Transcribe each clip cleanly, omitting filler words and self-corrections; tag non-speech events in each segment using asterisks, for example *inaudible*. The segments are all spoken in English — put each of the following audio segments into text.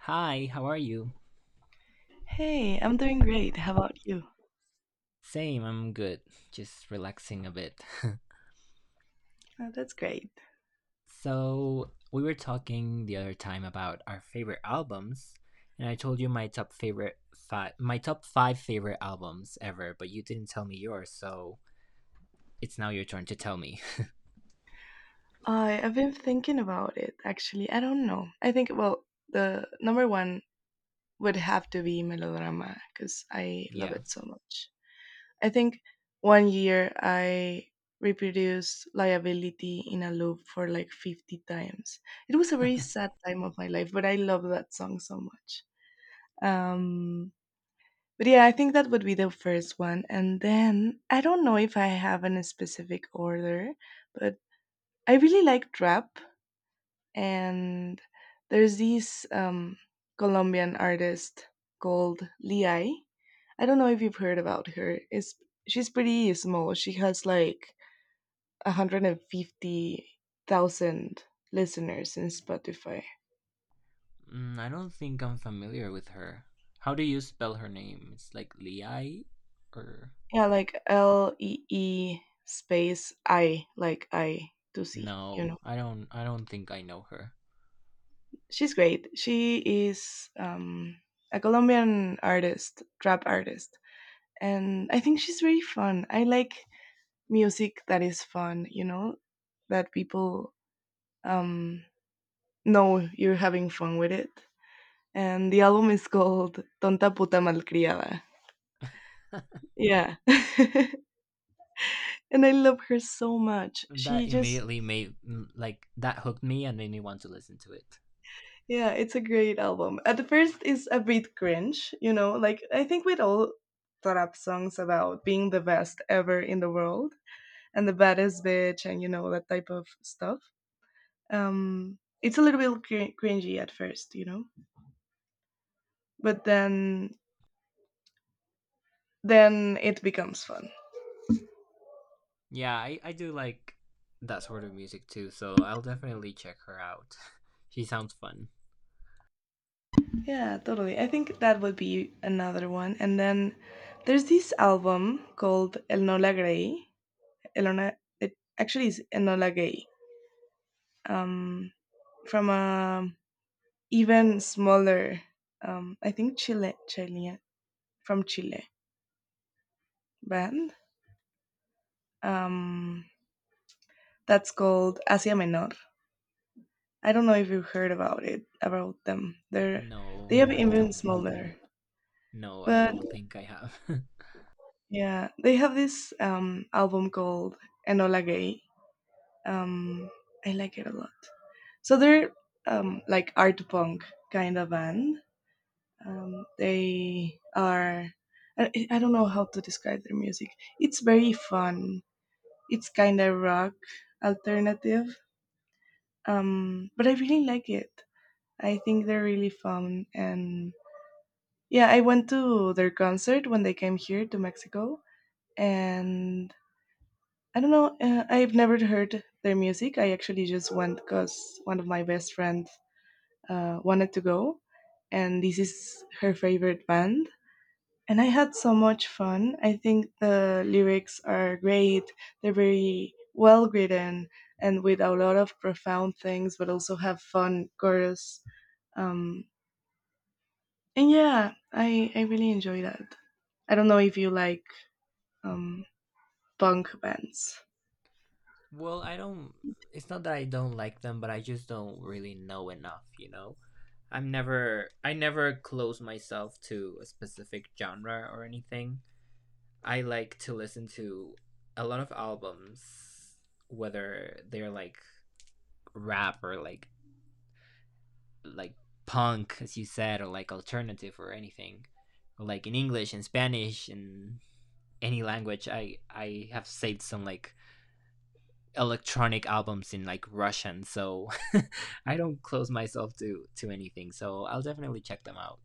Hi, how are you? Hey, I'm doing great. How about you? Same, I'm good. Just relaxing a bit. *laughs* Oh, that's great. We were talking the other time about our favorite albums, and I told you my my top 5 favorite albums ever, but you didn't tell me yours, so it's now your turn to tell me. I've been thinking about it actually. I don't know. I think well, the number one would have to be Melodrama because I love *laughs* Yeah. it so much. I think one year I reproduced Liability in a loop for like 50 times. It was a very sad time of my life, but I love that song so much. Um But yeah, I think that would be the first one. And then I don't know if I have any specific order, but I really like trap. And there's this Colombian artist called Liai. I don't know if you've heard about her. She's pretty small. She has like 150,000 listeners in Spotify. Mm, I don't think I'm familiar with her. How do you spell her name? It's like Liai or Yeah, like Lee space I, like I to see, you No, know? I don't think I know her. She's great. She is a Colombian artist, trap artist, and I think she's very fun. I like music that is fun, that people um, know you're having fun with it. And the album is called Tonta Puta Malcriada. Yeah. *laughs* And I love her so much. She That just… immediately made like that hooked me and made me want to listen to it. Yeah, it's a great album. At the first, it's a bit cringe, like I think with all trap songs about being the best ever in the world and the baddest bitch and that type of stuff. It's a little bit cringy at first, but then it becomes fun. Yeah, I do like that sort of music too, so I'll definitely check her out. *laughs* She sounds fun. Yeah, totally. I think that would be another one. And then there's this album called El Nola Grey. Elona, it actually is Enola Gay. Um, from a even smaller I think Chilean, from Chile, band um that's called Asia Menor. I don't know if you've heard about it about them. They're… They No, have I even don't. smaller… No, I But don't think I have. *laughs* yeah, they have this album called Enola Gay. um I like it a lot. So they're like art punk kind of band. They are… I don't know how to describe their music. It's very fun. It's kind of rock alternative, but I really like it. I think they're really fun, and yeah, I went to their concert when they came here to Mexico, and I don't know. I've never heard their music. I actually just went because one of my best friends wanted to go, and this is her favorite band and I had so much fun. I think the lyrics are great. They're very well written and with a lot of profound things, but also have fun chorus. Um, and yeah, I really enjoy that. I don't know if you like um, punk bands. Well, I don't. It's not that I don't like them, but I just don't really know enough, you know? I never close myself to a specific genre or anything. I like to listen to a lot of albums, whether they're like rap or like punk as you said, or like alternative or anything, or like in English and Spanish, and any language. I have saved some like electronic albums in like Russian, so *laughs* I don't close myself to anything, so I'll definitely check them out.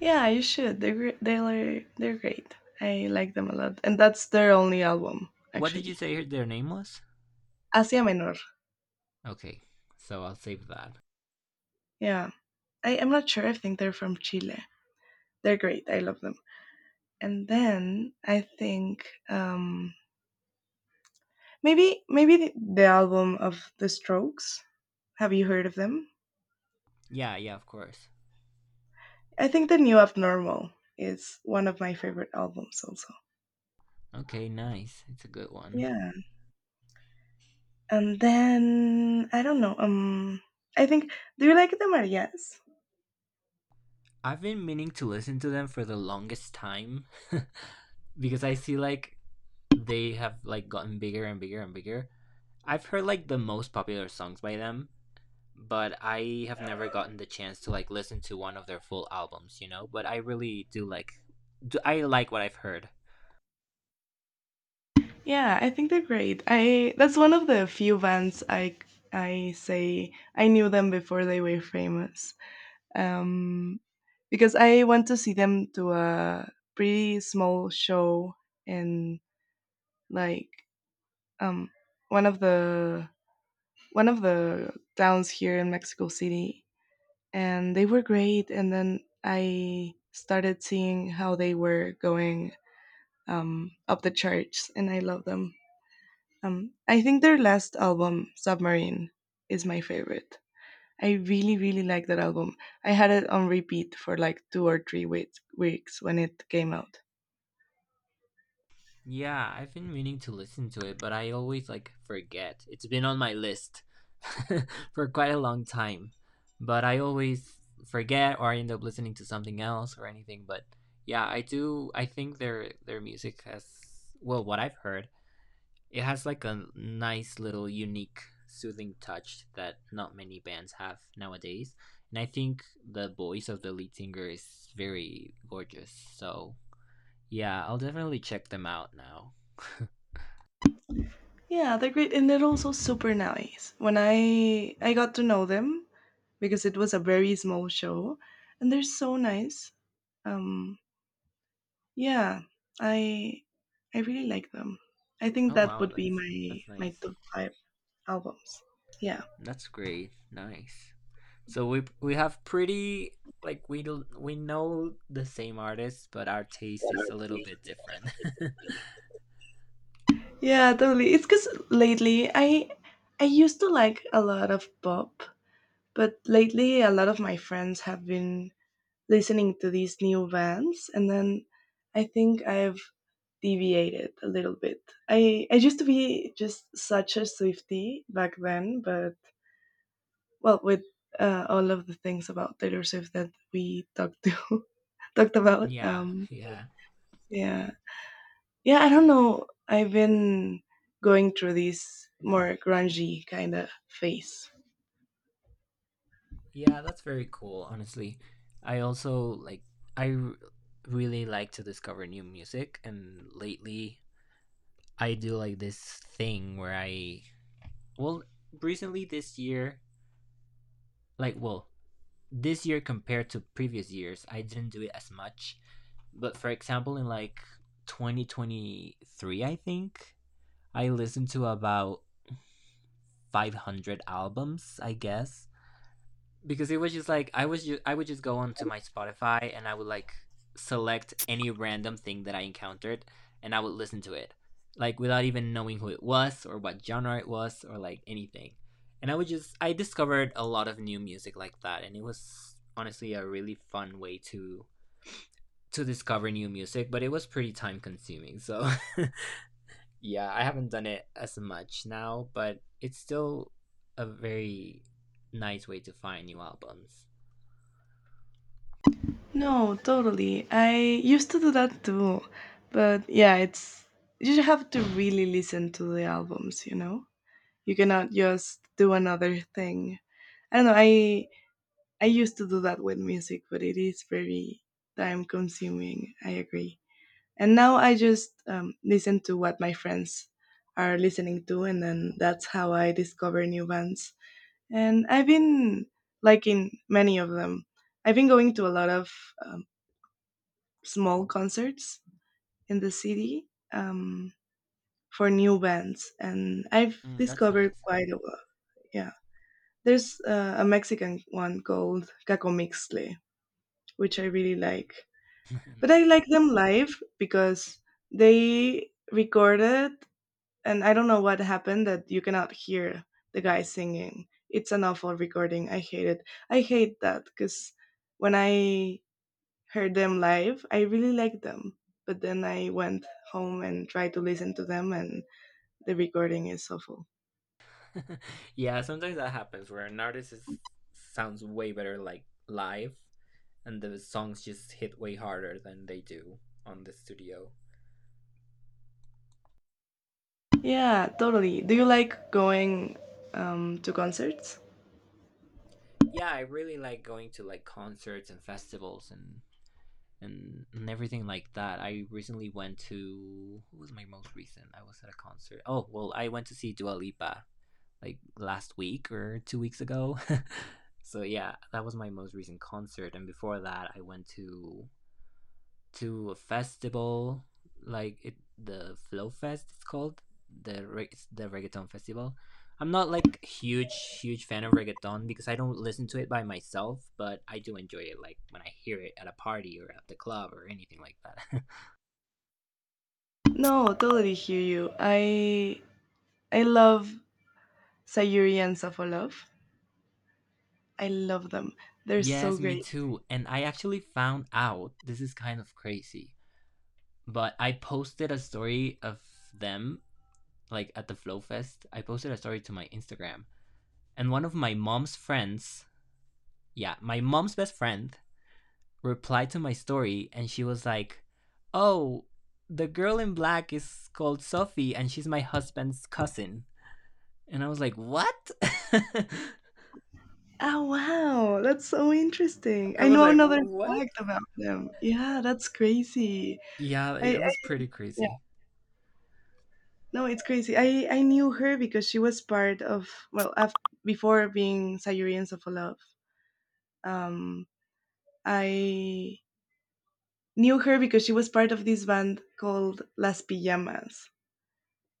Yeah, you should. They're they're great. I like them a lot, and that's their only album What did you actually. say their name was? Asia Menor. Okay, so I'll save that. Yeah, I'm not sure. I think they're from Chile. They're great. I love them. And then I think maybe the album of The Strokes. Have you heard of them? Yeah, yeah, of course. I think The New Abnormal is one of my favorite albums also. Okay, nice, it's a good one. Yeah, and then I don't know. I think do you like The Marias? I've been meaning to listen to them for the longest time. *laughs* Because I see like they have like gotten bigger and bigger and bigger. I've heard like the most popular songs by them, but I have never gotten the chance to like listen to one of their full albums, you know? But I really I like what I've heard. Yeah, I think they're great. I That's one of the few bands I… I say I knew them before they were famous. um, because I went to see them to a pretty small show in like um, one of the one of the towns here in Mexico City, and they were great. And then I started seeing how they were going up the charts, and I love them. I think their last album, Submarine, is my favorite. I really, really like that album. I had it on repeat for like 2 or 3 weeks, weeks when it came out. Yeah, I've been meaning to listen to it, but I always like forget. It's been on my list *laughs* for quite a long time, but I always forget, or I end up listening to something else or anything. But yeah, I do I think their music has, well, what I've heard, it has like a nice little unique soothing touch that not many bands have nowadays. And I think the voice of the lead singer is very gorgeous. So yeah, I'll definitely check them out now. *laughs* Yeah, they're great, and they're also super nice. When I got to know them because it was a very small show, and they're so nice. Um, yeah, I I really like them. I think Oh that wow, would be that's my my nice. top five albums. Yeah. That's great. Nice. So we have pretty, like we we know the same artists, but our taste is a little bit different. Yeah, totally. It's because lately I used to like a lot of pop, but lately, a lot of my friends have been listening to these new bands, and then I think I've deviated a little bit. I used to be just such a Swiftie back then, but well, with all of the things about Taylor Swift that we talked to *laughs* talked *laughs* about, Yeah, yeah. yeah, yeah, I don't know. I've been going through this more grungy kind of phase. Yeah, that's very cool, honestly. I also like I r- really like to discover new music, and lately I do like this thing where I, well, recently this year, like, well, this year compared to previous years, I didn't do it as much. But for example, in like 2023, I think, I listened to about 500 albums, I guess. Because it was just like I would just go onto my Spotify, and I would like select any random thing that I encountered, and I would listen to it like without even knowing who it was or what genre it was or like anything. And I would just I discovered a lot of new music like that, and it was honestly a really fun way to discover new music, but it was pretty time consuming. So *laughs* yeah, I haven't done it as much now, but it's still a very nice way to find new albums. No, totally. I used to do that too. But yeah, it's you have to really listen to the albums, you know? You cannot just do another thing. I don't know, I used to do that with music, but it is very time consuming, I agree. And now I just listen to what my friends are listening to and then that's how I discover new bands. And I've been liking many of them. I've been going to a lot of um, small concerts in the city for new bands, and I've Mm, that's discovered nice. quite a lot. Yeah, there's a Mexican one called Cacomixtle, which I really like. *laughs* But I Nice. like them live because they recorded, and I don't know what happened that you cannot hear the guy singing. It's an awful recording. I hate it. I hate that because when I heard them live. I really liked them. But then I went home and tried to listen to them, and the recording is awful. *laughs* Yeah, sometimes that happens where sounds way better like live, and the songs just hit way harder than they do on the studio. Yeah, totally. Do you like going to concerts? Yeah, I really like going to like concerts and festivals and and everything like that. I recently went to, what was my most recent? I was at a concert. Oh, well, I went to see Dua Lipa like last week or 2 weeks ago. *laughs* So yeah, that was my most recent concert, and before that I went to a festival, like it the Flow Fest it's called, the reggaeton festival. I'm not like huge fan of reggaeton because I don't listen to it by myself, but I do enjoy it like when I hear it at a party or at the club or anything like that. No, totally hear you. I love Sayuri and Safolov. I love them. *laughs* They're so Yes, me great. too. And I actually found out, this is kind of crazy, but I posted a story of them like at the Flow Fest. I posted a story to my Instagram, and one of my mom's friends, yeah, my mom's best friend, replied to my story and she was like, oh, the girl in black is called Sophie and she's my husband's cousin. And I was like, what? *laughs* Oh wow, that's so interesting. I I was know like, another what? fact about them. Yeah, that's crazy. Yeah, I, it was I pretty crazy. No, it's crazy. I knew her because she was part of well, before being Sayurians of Love. Um, I knew her because she was part of this band called Las Pijamas,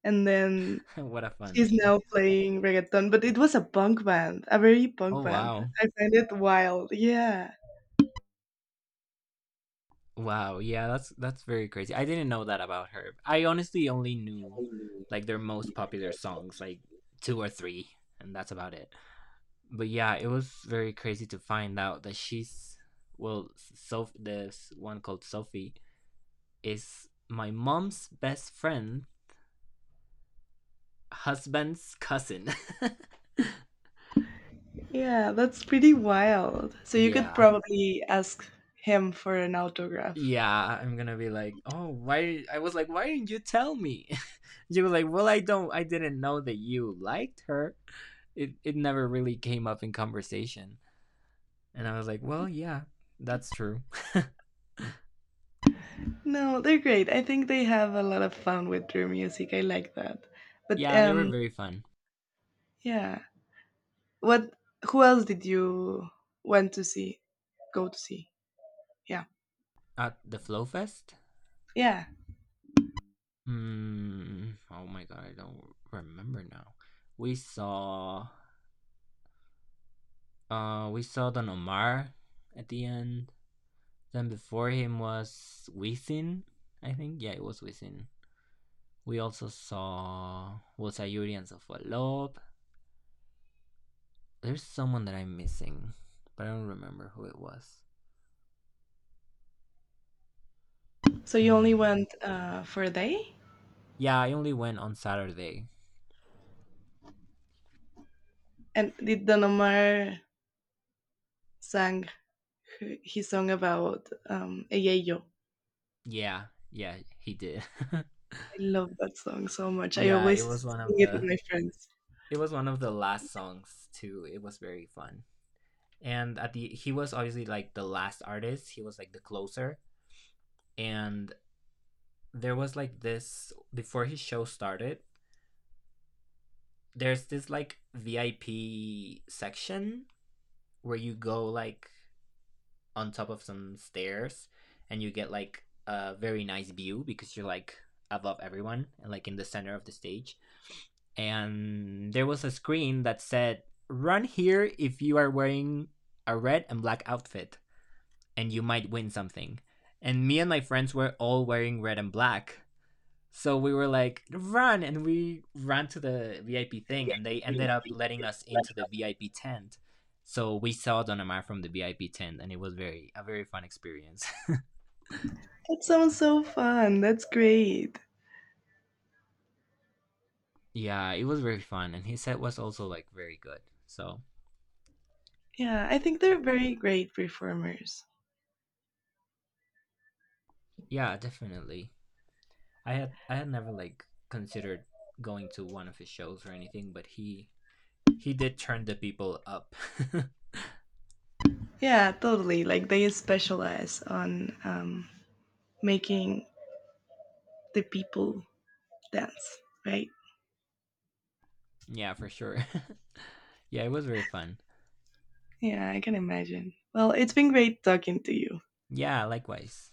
and then *laughs* What a fun she's name. now playing reggaeton. But it was a punk band, a very punk Oh, band. wow. I find it wild. Yeah, Wow. Yeah, that's very crazy. I didn't know that about her. I honestly only knew like their most popular songs, like two or three, and that's about it. But yeah, it was very crazy to find out that she's, well, so this one called Sophie is my mom's best friend, husband's cousin. *laughs* yeah, that's pretty wild. So you could Yeah, probably ask him for an autograph. yeah. I'm gonna be like, oh, why? I was like, why didn't you tell me? *laughs* You were like, I didn't know that you liked her. It never really came up in conversation, and I was like, well, yeah, that's true. *laughs* No, they're great. I think they have a lot of fun with their music. I like that. But Yeah, they were very fun yeah. What who else did you want to see? Go to see. Yeah. at the Flow Fest. Yeah. Hmm. Oh my god, I don't remember now. We saw we saw Don Omar at the end. Then before him was Wisin, I think. Yeah, it was Wisin. We also saw was Sayuri and Sofalob. There's someone that I'm missing, but I don't remember who it was. So you only Hmm. went for a day? Yeah, I only went on Saturday. And did Don Omar sang his song about Eyeyo? Yeah, yeah, he did. *laughs* I love that song so much. I Yeah, always it was one of sing it with the my friends. Last songs too. It was very fun. And at the he was obviously like the last artist, he was like the closer, and there was like this, before his show started, there's this like VIP section where you go like on top of some stairs, and you get like a very nice view because you're like above everyone and like in the center of the stage, and there was a screen that said, run here if you are wearing a red and black outfit and you might win something. And me and my friends were all wearing red and black. So we were like, run. And we ran to the VIP thing, and they ended up letting us into the VIP tent. So we saw Don Omar from the VIP tent, and it was very a very fun experience. *laughs* That sounds so fun. That's great. Yeah, it was very fun, and his set was also like very good. So Yeah, I think they're very great performers. yeah, definitely. I had never like considered going to one of his shows or anything, but he did turn the people up. Yeah, totally. Like they specialize on making the people dance, right? *laughs* Yeah, for sure. Yeah, it was very fun. Yeah, I can imagine. Well, it's been great talking to you. Yeah, likewise.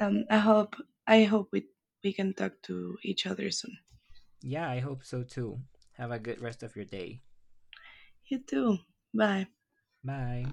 Um, I hope I hope we can talk to each other soon. Yeah, I hope so too. Have a good rest of your day. You too. Bye. Bye.